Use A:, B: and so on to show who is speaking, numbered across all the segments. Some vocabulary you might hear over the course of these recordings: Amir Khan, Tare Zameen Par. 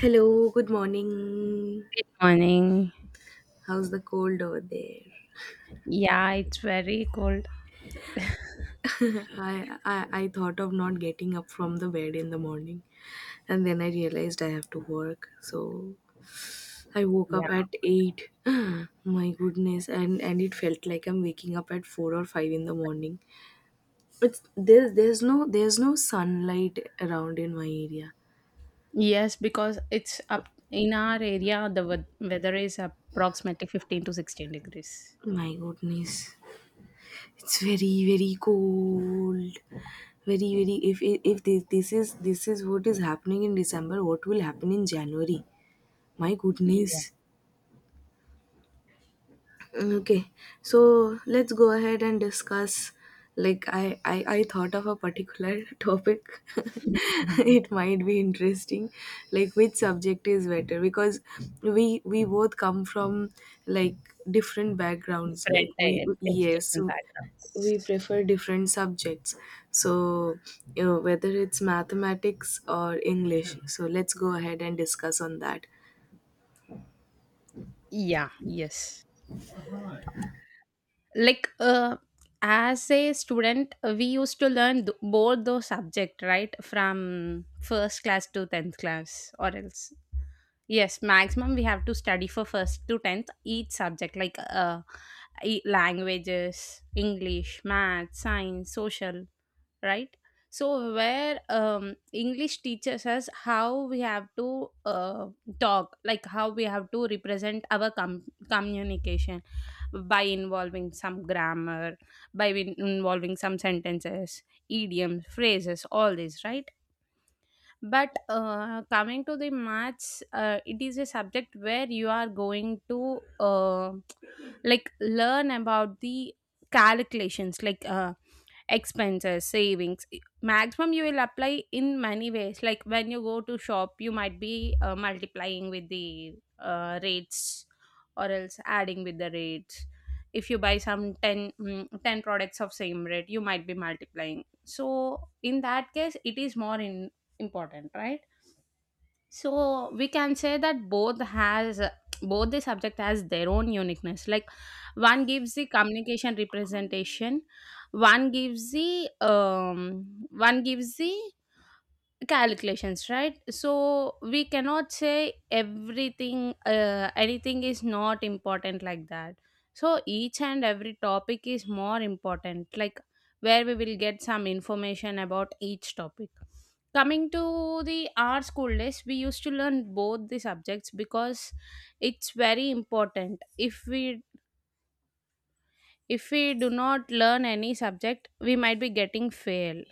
A: Hello, good morning.
B: Good morning.
A: How's the cold over there?
B: Yeah, it's very cold.
A: I thought of not getting up from the bed in the morning, and then I realized I have to work. So I woke
B: Yeah.
A: up at 8. My goodness. And it felt like I'm waking up at 4 or 5 in the morning. It's there's no sunlight around in my area.
B: Yes, because it's up in our area, the weather is approximately 15 to 16 degrees.
A: My goodness. It's very very cold. Very very. If if if this, this is this is what is happening in December, what will happen in January? My
B: Yeah.
A: goodness. Okay, so let's go ahead and discuss. Like I thought of a particular topic.
B: Mhm.
A: It might be interesting, like which subject is better, because we both come from like different backgrounds.
B: Different
A: Like we, yes,
B: education
A: so
B: backgrounds.
A: we prefer different subjects. So you know whether it's mathematics or English. So let's go ahead and discuss on that.
B: Yeah, yes. Like, as a student, we used to learn both those subject, right? From first class to 10th class, or else. Yes, maximum we have to study for first to 10th each subject like languages, English, math, science, social, right? So where English teaches us how we have to talk, like how we have to represent our communication by involving some grammar, by involving some sentences, idioms, phrases, all this, right? But coming to the maths, it is a subject where you are going to like learn about the calculations, like expenses, savings. Maximum you will apply in many ways, like when you go to shop you might be multiplying with the rates, or else adding with the rates. If you buy some 10 products of same rate, you might be multiplying, so in that case it is more important, right? So we can say that both the subject has their own uniqueness, like one gives the communication representation, one gives the calculations, right? So we cannot say everything anything is not important like that. So each and every topic is more important, like where we will get some information about each topic. Coming to the our school days, we used to learn both the subjects because it's very important. If we do not learn any subject, we might be getting fail.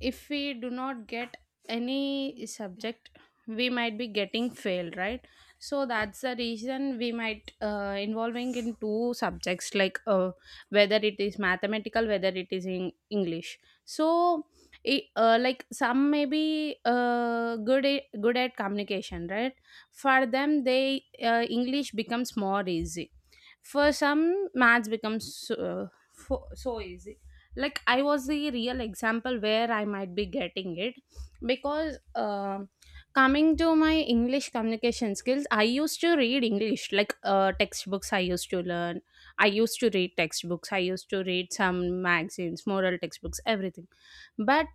B: If we do not get any subject, we might be getting failed, right? So that's the reason we might involving in two subjects, like whether it is mathematical, whether it is in english. So like some may be good at communication, right? For them, they english becomes more easy. For some, maths becomes so easy. Like I was the real example where I might be getting it, because coming to my English communication skills, I used to read English like textbooks. I used to learn. I used to read textbooks. I used to read some magazines, moral textbooks, everything. But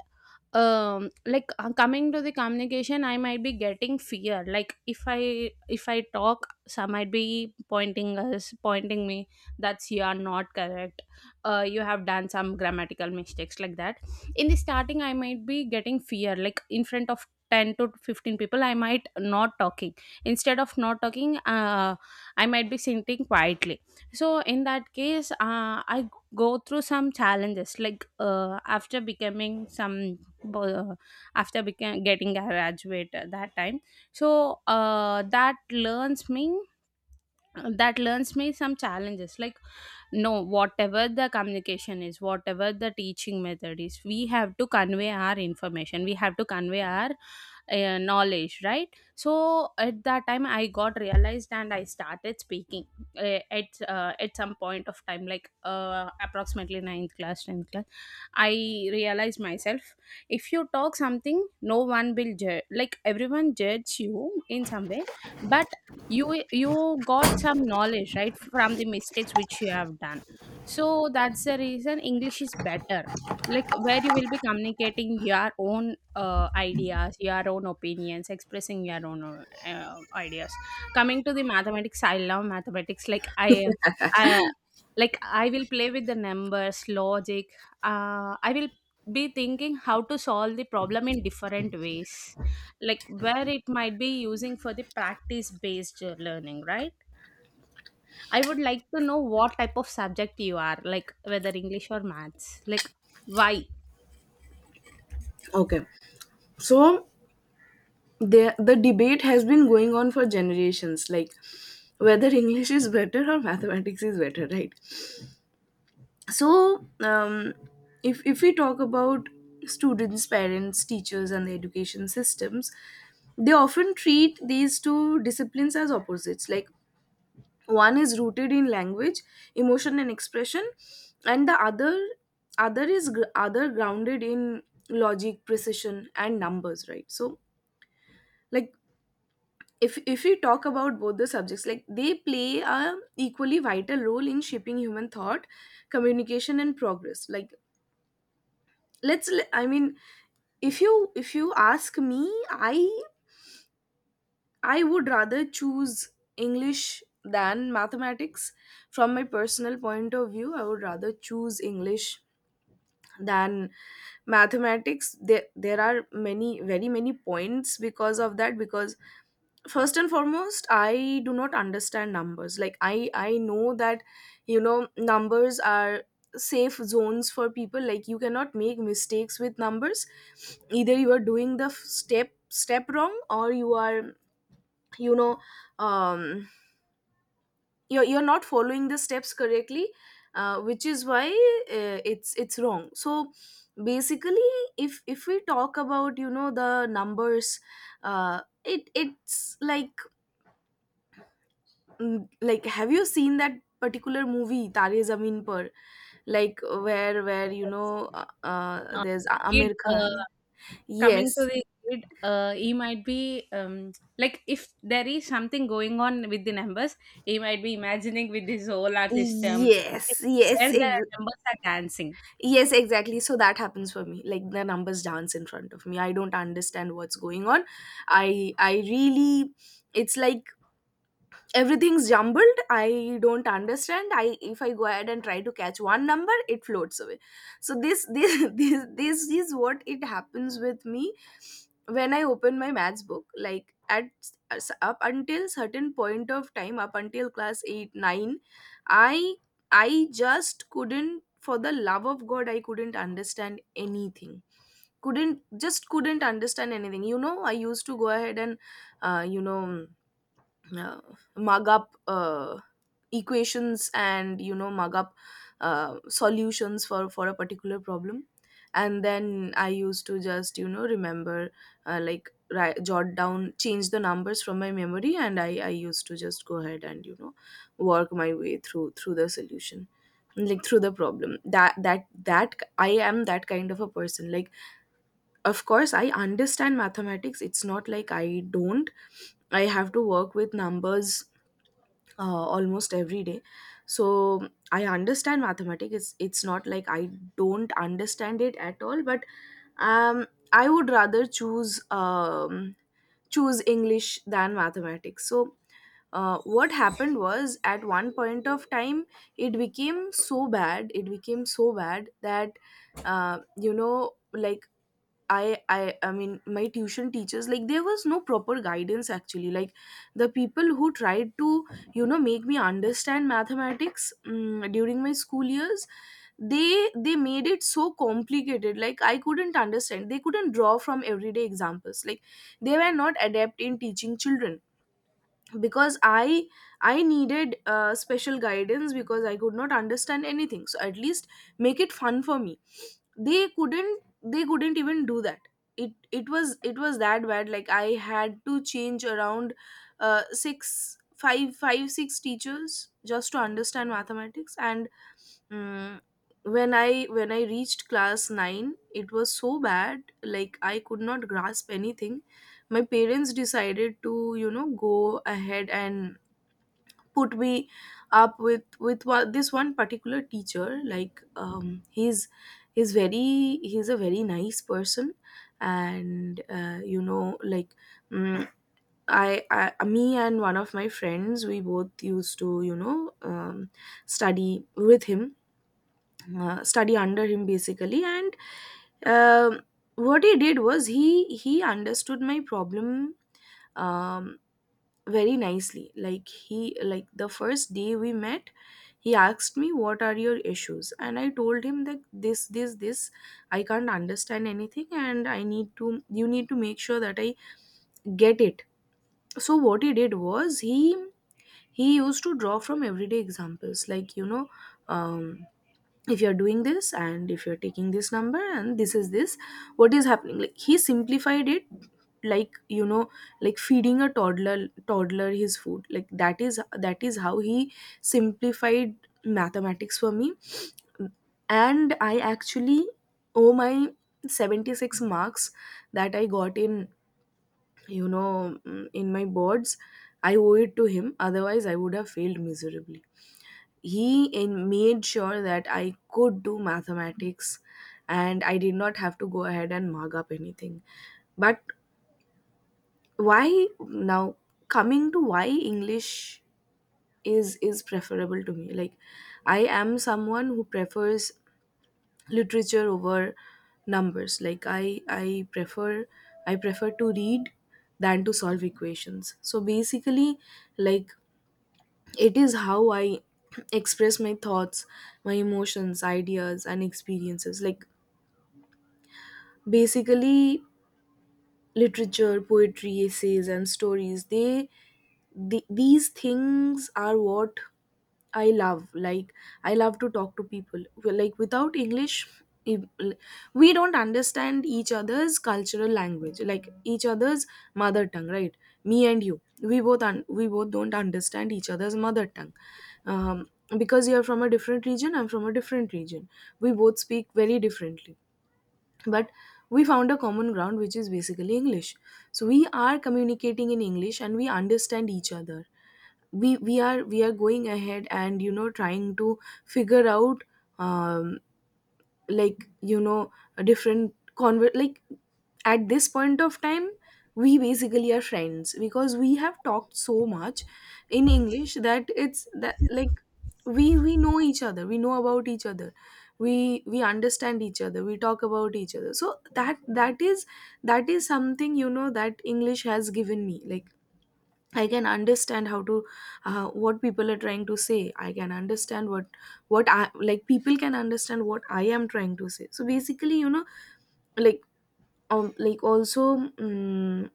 B: coming to the communication, I might be getting fear, like if i talk, some might be pointing us, pointing me, that's you are not correct, you have done some grammatical mistakes like that. In the starting, I might be getting fear, like in front of 10 to 15 people I might not talking. Instead of not talking, I might be sitting quietly. So in that case, I go through some challenges, like after becoming some uh, after became getting a graduate at that time. So learns me that learns me some challenges, like no, whatever the communication is, whatever the teaching method is, we have to convey our information, we have to convey our knowledge, right? So at that time I got realized and I started speaking at some point of time, like approximately ninth class, 10th class. I realized myself, if you talk something no one will judge, like everyone judge you in some way. But you got some knowledge right from the mistakes which you have done. So that's the reason english is better, like where you will be communicating your own ideas, your own opinions, expressing your own ideas. Coming to the mathematics, I love mathematics, like i i will play with the numbers, logic. I will be thinking how to solve the problem in different ways, like where it might be using for the practice based learning, right? I would like to know what type of subject you are, like whether english or maths, like why.
A: Okay, so the debate has been going on for generations, like whether English is better or mathematics is better, right? So if we talk about students, parents, teachers and the education systems, they often treat these two disciplines as opposites. Like one is rooted in language, emotion and expression, and the other other is gr- other grounded in logic, precision and numbers, right? So like if we talk about both the subjects, like they play a equally vital role in shaping human thought, communication and progress. Like I mean, if you ask me, i I would rather choose English than mathematics. From my personal point of view, I would rather choose English than mathematics. There are many, very many points because of that. Because first and foremost, I do not understand numbers. Like I know that, you know, numbers are safe zones for people. Like you cannot make mistakes with numbers. Either you are doing the step wrong, or you are, you know, um, you're not following the steps correctly, which is why it's wrong. So basically, if we talk about, you know, the numbers, uh, it's like, mm, like have you seen that particular movie Tare Zameen Par, like where you
B: Yes.
A: know,
B: uh,
A: there's
B: the kid,
A: Amir Khan?
B: coming to
A: Yes.
B: the kid, he might be like if there is something going on with the numbers, he might be imagining with the solar system,
A: Yes.
B: where the numbers are dancing.
A: Yes, exactly. So that happens for me. Like the numbers dance in front of me. I don't understand what's going on. I really, it's like everything's jumbled. I don't understand. I If I go ahead and try to catch one number, it floats away. So this, this is what it happens with me when I open my maths book. Like at up until certain point of time, up until class 8 9, i I just couldn't. For the love of god, I couldn't understand anything. Couldn't just couldn't understand anything. You know, I used to go ahead and, you know, uh, mug up, equations, and you know, mug up, solutions for a particular problem, and then I used to just, you know, remember, like write, jot down, change the numbers from my memory, and I used to just go ahead and, you know, work my way through the solution, like through the problem. That I am, that kind of a person. Like of course I understand mathematics. It's not like I don't. I have to work with numbers almost every day. So I understand mathematics. It's not like I don't understand it at all. But um, I would rather choose choose English than mathematics. So what happened was, at one point of time, it became so bad that, you know, like I mean, my tuition teachers, like there was no proper guidance actually. Like the people who tried to, you know, make me understand mathematics mm during my school years, they made it so complicated, like I couldn't understand. They couldn't draw from everyday examples. Like they were not adept in teaching children, because I needed special guidance, because I could not understand anything. So at least make it fun for me. They couldn't even do that. It was that bad. Like I had to change around 6, 5, 5, 6 teachers just to understand mathematics. And mm, when I reached class 9, it was so bad, like I could not grasp anything. My parents decided to, you know, go ahead and put me up with this one particular teacher. Like he's a very nice person, and you know, like mm, I me and one of my friends, we both used to, you know, study with him, study under him basically. And um, what he did was, he understood my problem um, very nicely. Like he, like the first day we met, he asked me what are your issues, and I told him that this, I can't understand anything, and I need to, you need to make sure that I get it. So what he did was, he used to draw from everyday examples. Like, you know, um, if you're doing this and if you're taking this number and this is this, what is happening. Like he simplified it, like you know, like feeding a toddler, his food. Like that is how he simplified mathematics for me. And I actually owe my 76 marks that I got in, you know, in my boards, I owe it to him. Otherwise I would have failed miserably. He in made sure that I could do mathematics, and I did not have to go ahead and mug up anything. But why now, coming to why English is preferable to me. Like I am someone who prefers literature over numbers. Like I prefer to read than to solve equations. So basically, like, it is how I express my thoughts, my emotions, ideas, and experiences. Like basically, literature, poetry, essays, and stories. The these things are what I love. Like I love to talk to people. Well, like without English, if- we don't understand each other's cultural language, like each other's mother tongue, right? Me and you, we both we both don't understand each other's mother tongue, um, because you're from a different region, I'm from a different region. We both speak very differently, but we found a common ground, which is basically English. So we are communicating in English and we understand each other. We are going ahead and, you know, trying to figure out, um, like you know, a different convert, like at this point of time, we basically are friends because we have talked so much in English that it's that, like we know each other, we know about each other, we understand each other, we talk about each other. So that that is something, you know, that English has given me. Like I can understand how to, what people are trying to say. I can understand what I like people can understand what I am trying to say. So basically, you know, like um, like also um,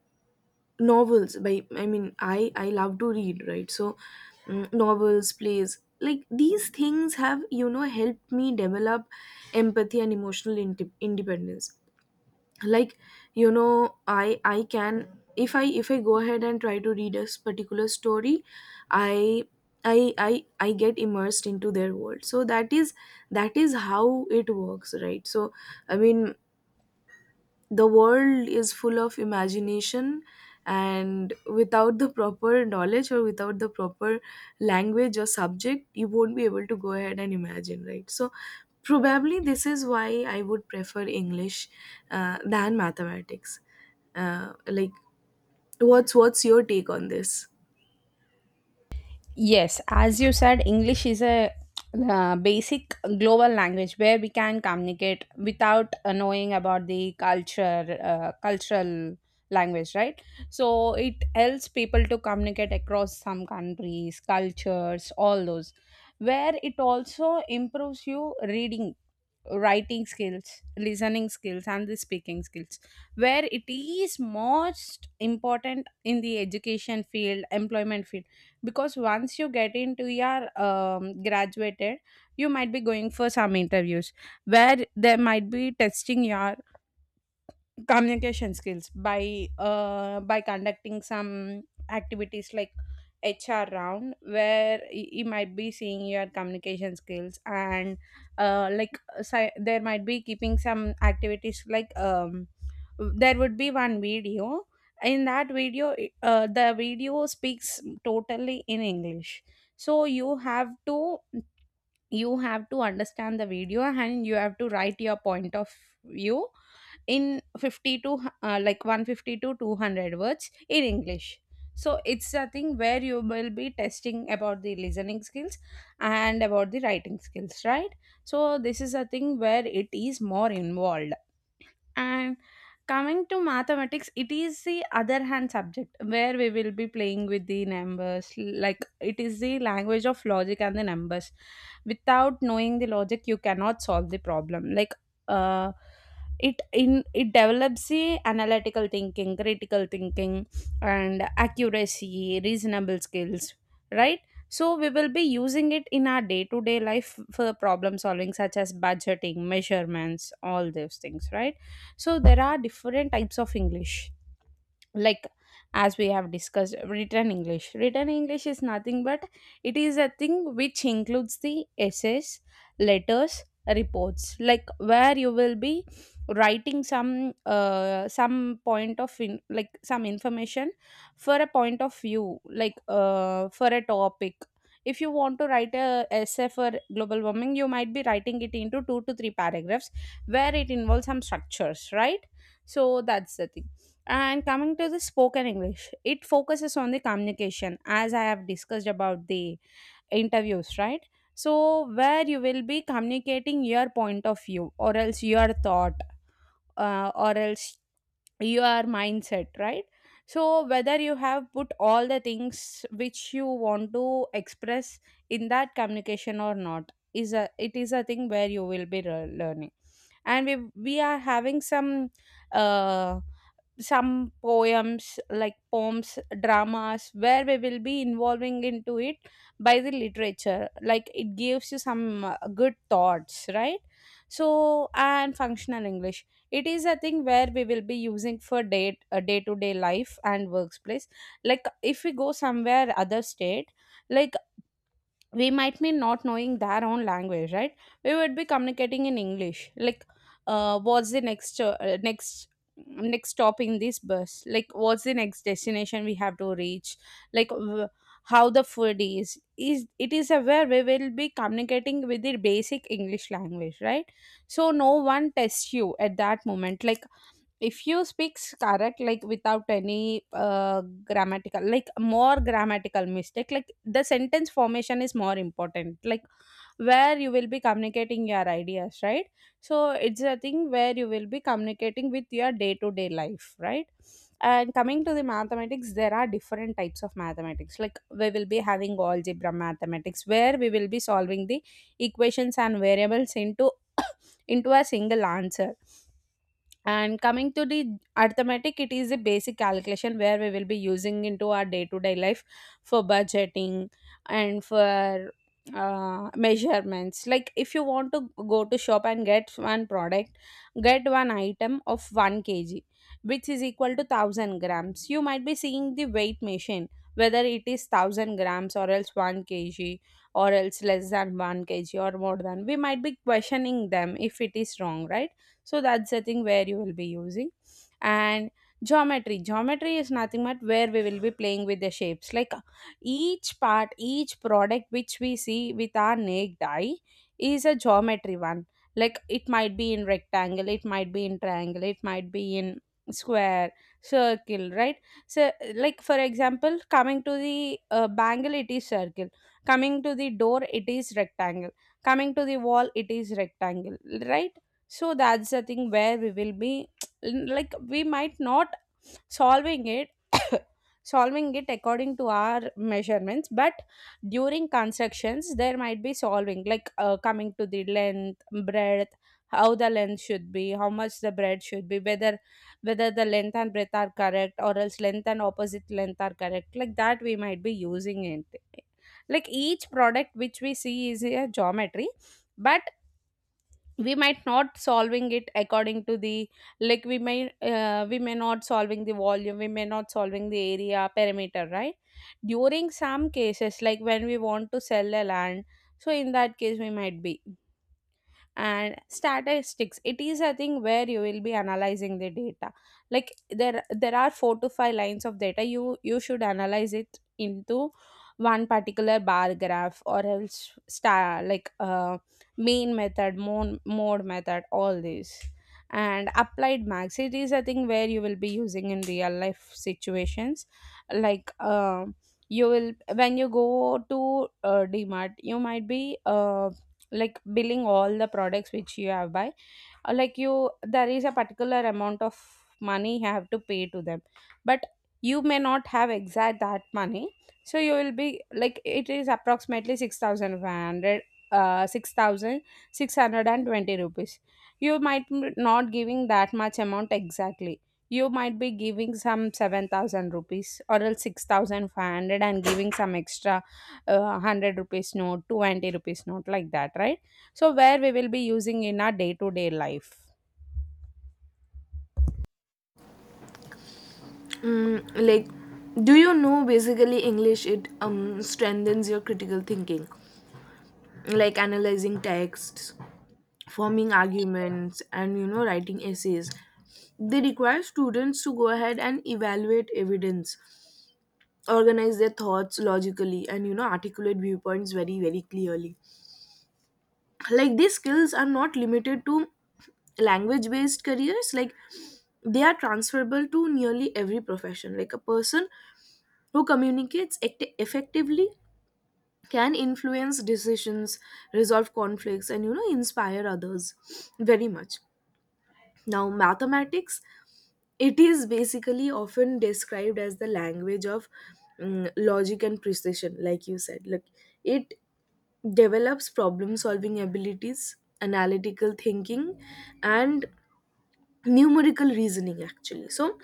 A: novels by, I love to read, right? So mm, novels, plays, like these things have, you know, helped me develop empathy and emotional independence. Like, you know, I can, if I go ahead and try to read a particular story, I I get immersed into their world. So that is how it works, right? So I mean, the world is full of imagination, and without the proper knowledge or without the proper language or subject, you won't be able to go ahead and imagine, right? So probably this is why I would prefer English than mathematics. Like, what's your take on this?
B: Yes, as you said, English is a basic global language where we can communicate without knowing about the culture, cultural language, right? So it helps people to communicate across some countries, cultures, all those. Where it also improves you reading, writing skills, listening skills, and the speaking skills, where it is most important in the education field, employment field, because once you get into your graduated, you might be going for some interviews where they might be testing your communication skills by conducting some activities like HR round, where you might be seeing your communication skills. And uh, like there might be keeping some activities like there would be one video. In that video, the video speaks totally in English, so you have to understand the video, and you have to write your point of view in 50 to like 150 to 200 words in english. So it's a thing where you will be testing about the listening skills and about the writing skills, right? So this is a thing where it is more involved. And coming to mathematics, it is the other hand subject where we will be playing with the numbers. Like it is the language of logic and the numbers. Without knowing the logic, you cannot solve the problem. Like uh, it develops the analytical thinking, critical thinking, and accuracy, reasonable skills. Right. So we will be using it in our day to day life for problem solving, such as budgeting, measurements, all those things, right? So there are different types of english, like as we have discussed, Written english is nothing but it is a thing which includes the essays, letters, reports, like where you will be writing some like some information for a point of view, like for a topic. If you want to write a essay for global warming, you might be writing it into two to three paragraphs, where it involves some structures, right? So that's the thing. And coming to the spoken English, it focuses on the communication, as I have discussed about the interviews, right? So, where you will be communicating your point of view, or else your thought, or else your mindset, right? So, whether you have put all the things which you want to express in that communication or not, is a it is a thing where you will be learning, and we are having some. Uh, some poems, like poems, dramas, where we will be involving into it by the literature, like it gives you some good thoughts, right? So and functional english, it is a thing where we will be using for day to day life and workplace. Like if we go somewhere other state, like we might be not knowing their own language, right? We would be communicating in english, like what's the next stop in this bus, like what's the next destination we have to reach, like how the food is it, is aware, we will be communicating with the basic english language, right? So no one tests you at that moment, like if you speak correct, like without any grammatical, like more grammatical mistake, like the sentence formation is more important, like where you will be communicating your ideas, right? So it's a thing where you will be communicating with your day to day life, right? And coming to the mathematics, there are different types of mathematics, like we will be having algebra mathematics where we will be solving the equations and variables into into a single answer. And coming to the arithmetic, it is a basic calculation where we will be using into our day to day life for budgeting and for measurements. Like if you want to go to shop and get one product, get one item of 1 kg, which is equal to 1,000 grams, you might be seeing the weight machine whether it is 1,000 grams or else 1 kg or else less than 1 kg or more, than we might be questioning them if it is wrong, right? So that's the thing where you will be using. And geometry is nothing but where we will be playing with the shapes, like each part, each product which we see with our naked eye is a geometry one. Like it might be in rectangle, it might be in triangle, it might be in square, circle, right? So like for example, coming to the bangle, it is circle. Coming to the door, it is rectangle. Coming to the wall, it is rectangle, right? So that's the thing where we will be like we might not solving it solving it according to our measurements, but during constructions there might be solving, like coming to the length, breadth, how the length should be, how much the breadth should be, whether whether the length and breadth are correct or else length and opposite length are correct, like that we might be using it. Like each product which we see is a geometry, but we might not solving it according to the, like we may not solving the volume, we may not solving the area, perimeter, right? During some cases like when we want to sell a land, so in that case we might be. And statistics, it is a thing where you will be analyzing the data. Like there are four to five lines of data, you should analyze it into one particular bar graph or else star, like main method, mode, mode method, all these. And applied max, it is a thing where you will be using in real life situations. Like you will, when you go to dmart, you might be like billing all the products which you have buy, or like you, there is a particular amount of money you have to pay to them, but you may not have exact that money. So you will be like it is approximately 6,500, uh, 6,620 rupees. You might not giving that much amount exactly, you might be giving some 7,000 rupees or else 6,500 and giving some extra 100 rupees note, 20 rupees note, like that, right? So where we will be using in our day to day life.
A: Mm, like, do you know, basically English it strengthens your critical thinking, like analyzing texts, forming arguments, and you know writing essays. They require students to go ahead and evaluate evidence, organize their thoughts logically, and you know articulate viewpoints very very clearly. Like these skills are not limited to language based careers. Like they are transferable to nearly every profession. Like a person who communicates effectively can influence decisions, resolve conflicts and, you know, inspire others very much. Now mathematics, it is basically often described as the language of mm, logic and precision, like you said. Like it develops problem solving abilities, analytical thinking, and numerical reasoning actually. So,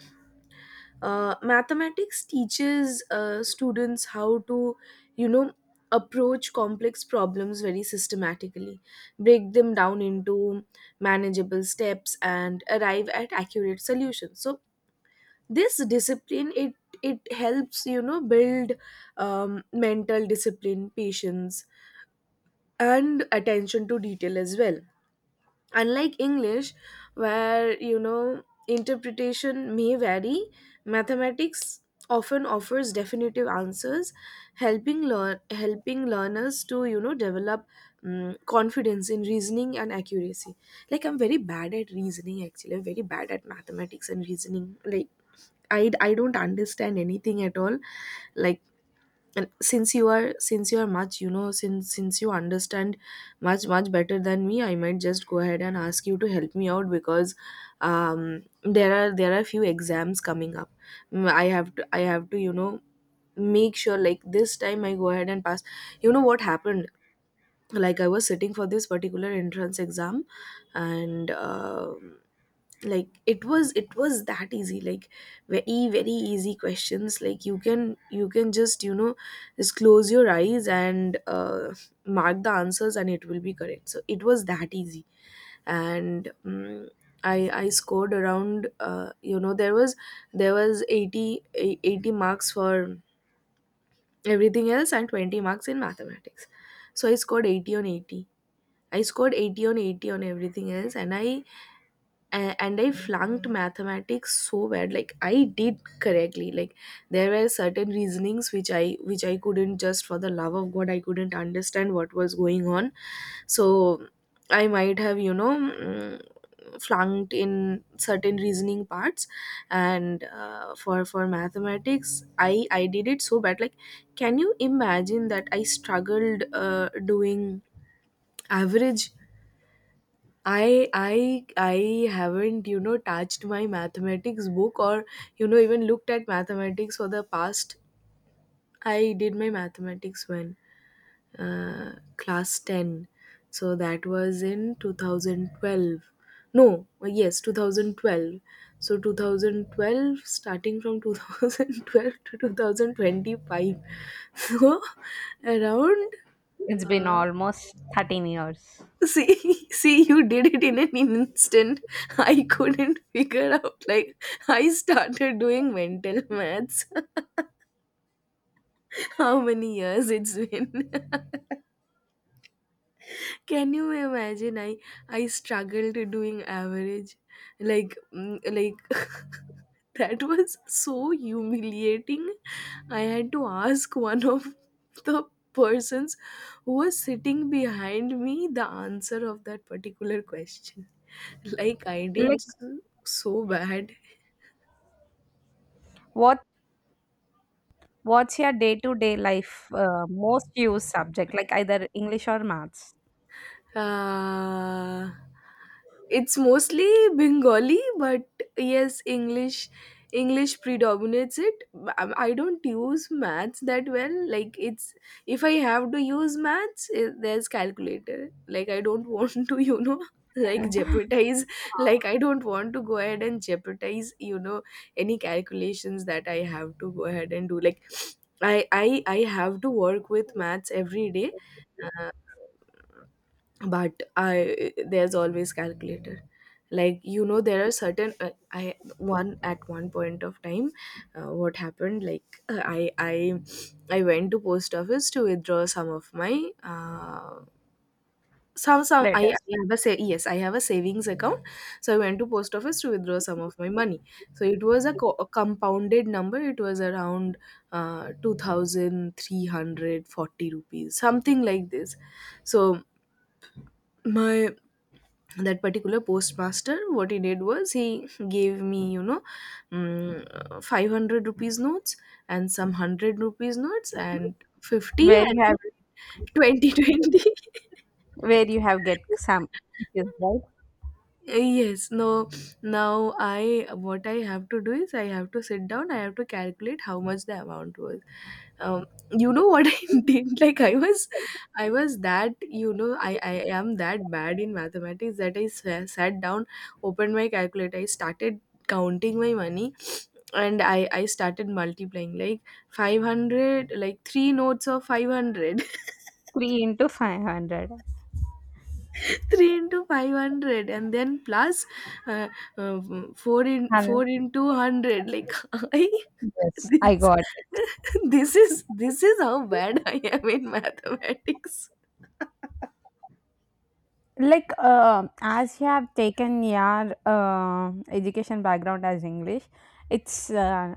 A: mathematics teaches students how to, you know, approach complex problems very systematically, break them down into manageable steps, and arrive at accurate solutions. So, this discipline, it helps build mental discipline, patience, and attention to detail as well. Unlike English, where interpretation may vary, mathematics often offers definitive answers, helping learners to develop confidence in reasoning and accuracy. Like, I'm very bad at reasoning actually. I'm very bad at mathematics and reasoning. Like, I don't understand anything at all. Like, and since you are much, since you understand much, much better than me. I might just go ahead and ask you to help me out, because um there are few exams coming up. I have to make sure, like, this time I go ahead and pass. You know what happened? Like, I was sitting for this particular entrance exam, and like, it was that easy. Like, very, very easy questions. Like, you can just just close your eyes and mark the answers, and it will be correct. So it was that easy. And I scored around, there was 80 marks for everything else and 20 marks in mathematics. So I scored 80 on 80 on everything else, and I flunked mathematics so bad. Like, I did correctly. Like, there were certain reasonings which I couldn't, just for the love of god, I couldn't understand what was going on. So I might have flunked in certain reasoning parts. And for mathematics, I did it so bad. Like, can you imagine that I struggled doing average? I haven't touched my mathematics book, or even looked at mathematics for the past. I did my mathematics when, uh, class 10, so that was in 2012. No, yes, 2012. So 2012, starting from 2012 to 2025. So, around.
B: It's been
A: Uh,
B: almost 13 years.
A: See, see, you did it in an instant. I couldn't figure out. Like, I started doing mental maths. How many years it's been? Can you imagine? I struggled doing average, like, like, that was so humiliating. I had to ask one of the persons who was sitting behind me the answer of that particular question. Like, I did
B: Like
A: so bad.
B: what what's your day-to-day life most used subject, like either English or maths?
A: Uh, it's mostly Bengali, but yes, English predominates it. I don't use maths that well. Like, it's, if I have to use maths, there's calculator. Like, I don't want to, like, jeopardize. Like, I don't want to go ahead and jeopardize, any calculations that I have to go ahead and do. Like, I have to work with maths every day. Uh, but I there's always calculator. Like, there are certain, I one at one point of time, what happened? Like, I went to post office to withdraw some of my, some
B: Let
A: I
B: us.
A: have a sa- yes, I have a savings account. So I went to post office to withdraw some of my money. So it was a compounded number. It was around 2340 rupees, something like this. So my that particular postmaster, what he did was, he gave me, 500 rupees notes, and some 100 rupees notes, and 50,
B: Where you
A: and 20 20.
B: where you have get some confused, right?
A: Yes, no, now I what I have to do is, I have to sit down, I have to calculate how much the amount was. Um, you know what I did? Like, I was that, I am that bad in mathematics, that I sat down, opened my calculator, I started counting my money, and I started multiplying, like, 500, like three notes of 500.
B: Three into 500.
A: 3 into 500, and then plus uh, uh,
B: And
A: 4 into 100, like, I
B: yes, I
A: this
B: got it.
A: this is how bad I am in mathematics.
B: Like as you have taken your education background as English, it's uh,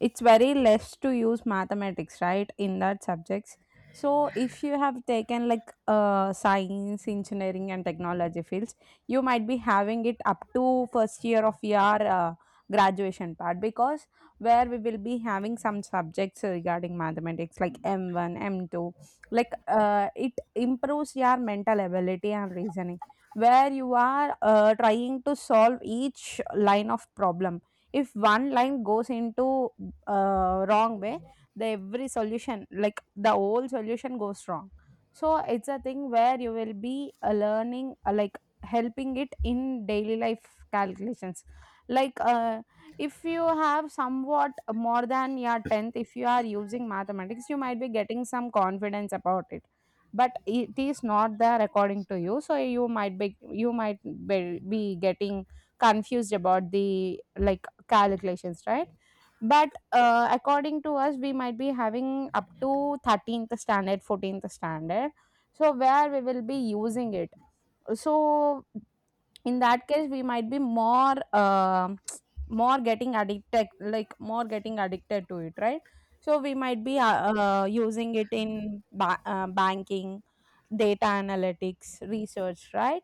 B: it's very less to use mathematics, right, in that subjects. So if you have taken like science, engineering and technology fields, you might be having it up to first year of your graduation part, because where we will be having some subjects regarding mathematics like m1, m2. Like it improves your mental ability and reasoning, where you are trying to solve each line of problem. If one line goes into wrong way, the every solution, like the whole solution goes wrong. So it's a thing where you will be learning like helping it in daily life calculations. Like if you have somewhat more than your 10th, if you are using mathematics you might be getting some confidence about it. But it is not there according to you, so you might be you might be be getting confused about the, like, calculations, right? But according to us, we might be having up to 13th standard, 14th standard, so where we will be using it. So in that case, we might be more. More getting addicted to it, right? So we might be using it in banking, data analytics, research, right?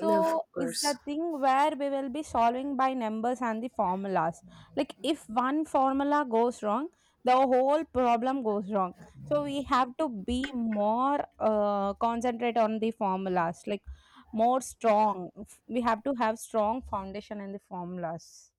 A: Of
B: it's
A: course.
B: a thing where we will be solving by numbers and the formulas. Like if one formula goes wrong, the whole problem goes wrong. So we have to be more concentrate on the formulas, like more strong. We have to have strong foundation in the formulas.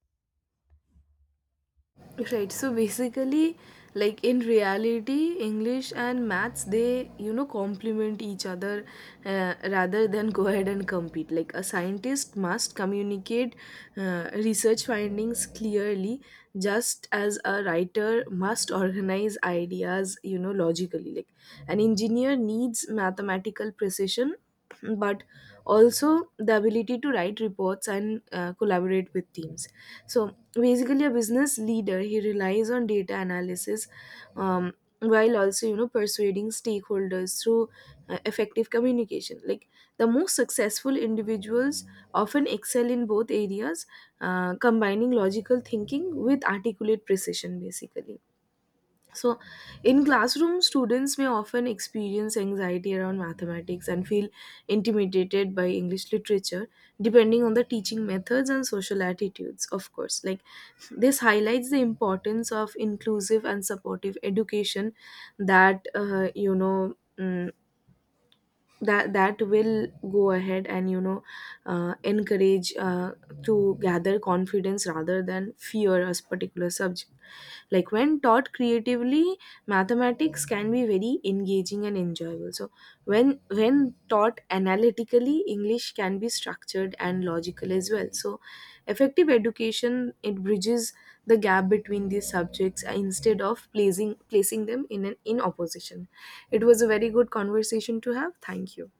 A: Right. So basically, like, in reality, English and maths, they complement each other, rather than go ahead and compete. Like, a scientist must communicate research findings clearly, just as a writer must organize ideas logically. Like, an engineer needs mathematical precision, but also the ability to write reports and collaborate with teams. So basically, a business leader, he relies on data analysis, um, while also persuading stakeholders through effective communication. Like, the most successful individuals often excel in both areas, combining logical thinking with articulate precision, basically. So, in classroom, students may often experience anxiety around mathematics and feel intimidated by English literature, depending on the teaching methods and social attitudes, of course. Like, this highlights the importance of inclusive and supportive education that, uh, you know, mm, that will go ahead and encourage, to gather confidence rather than fear a particular subject. Like, when taught creatively, mathematics can be very engaging and enjoyable. So, when taught analytically, English can be structured and logical as well. So, effective education, it bridges the gap between these subjects, instead of placing them in opposition. It was a very good conversation to have. Thank you.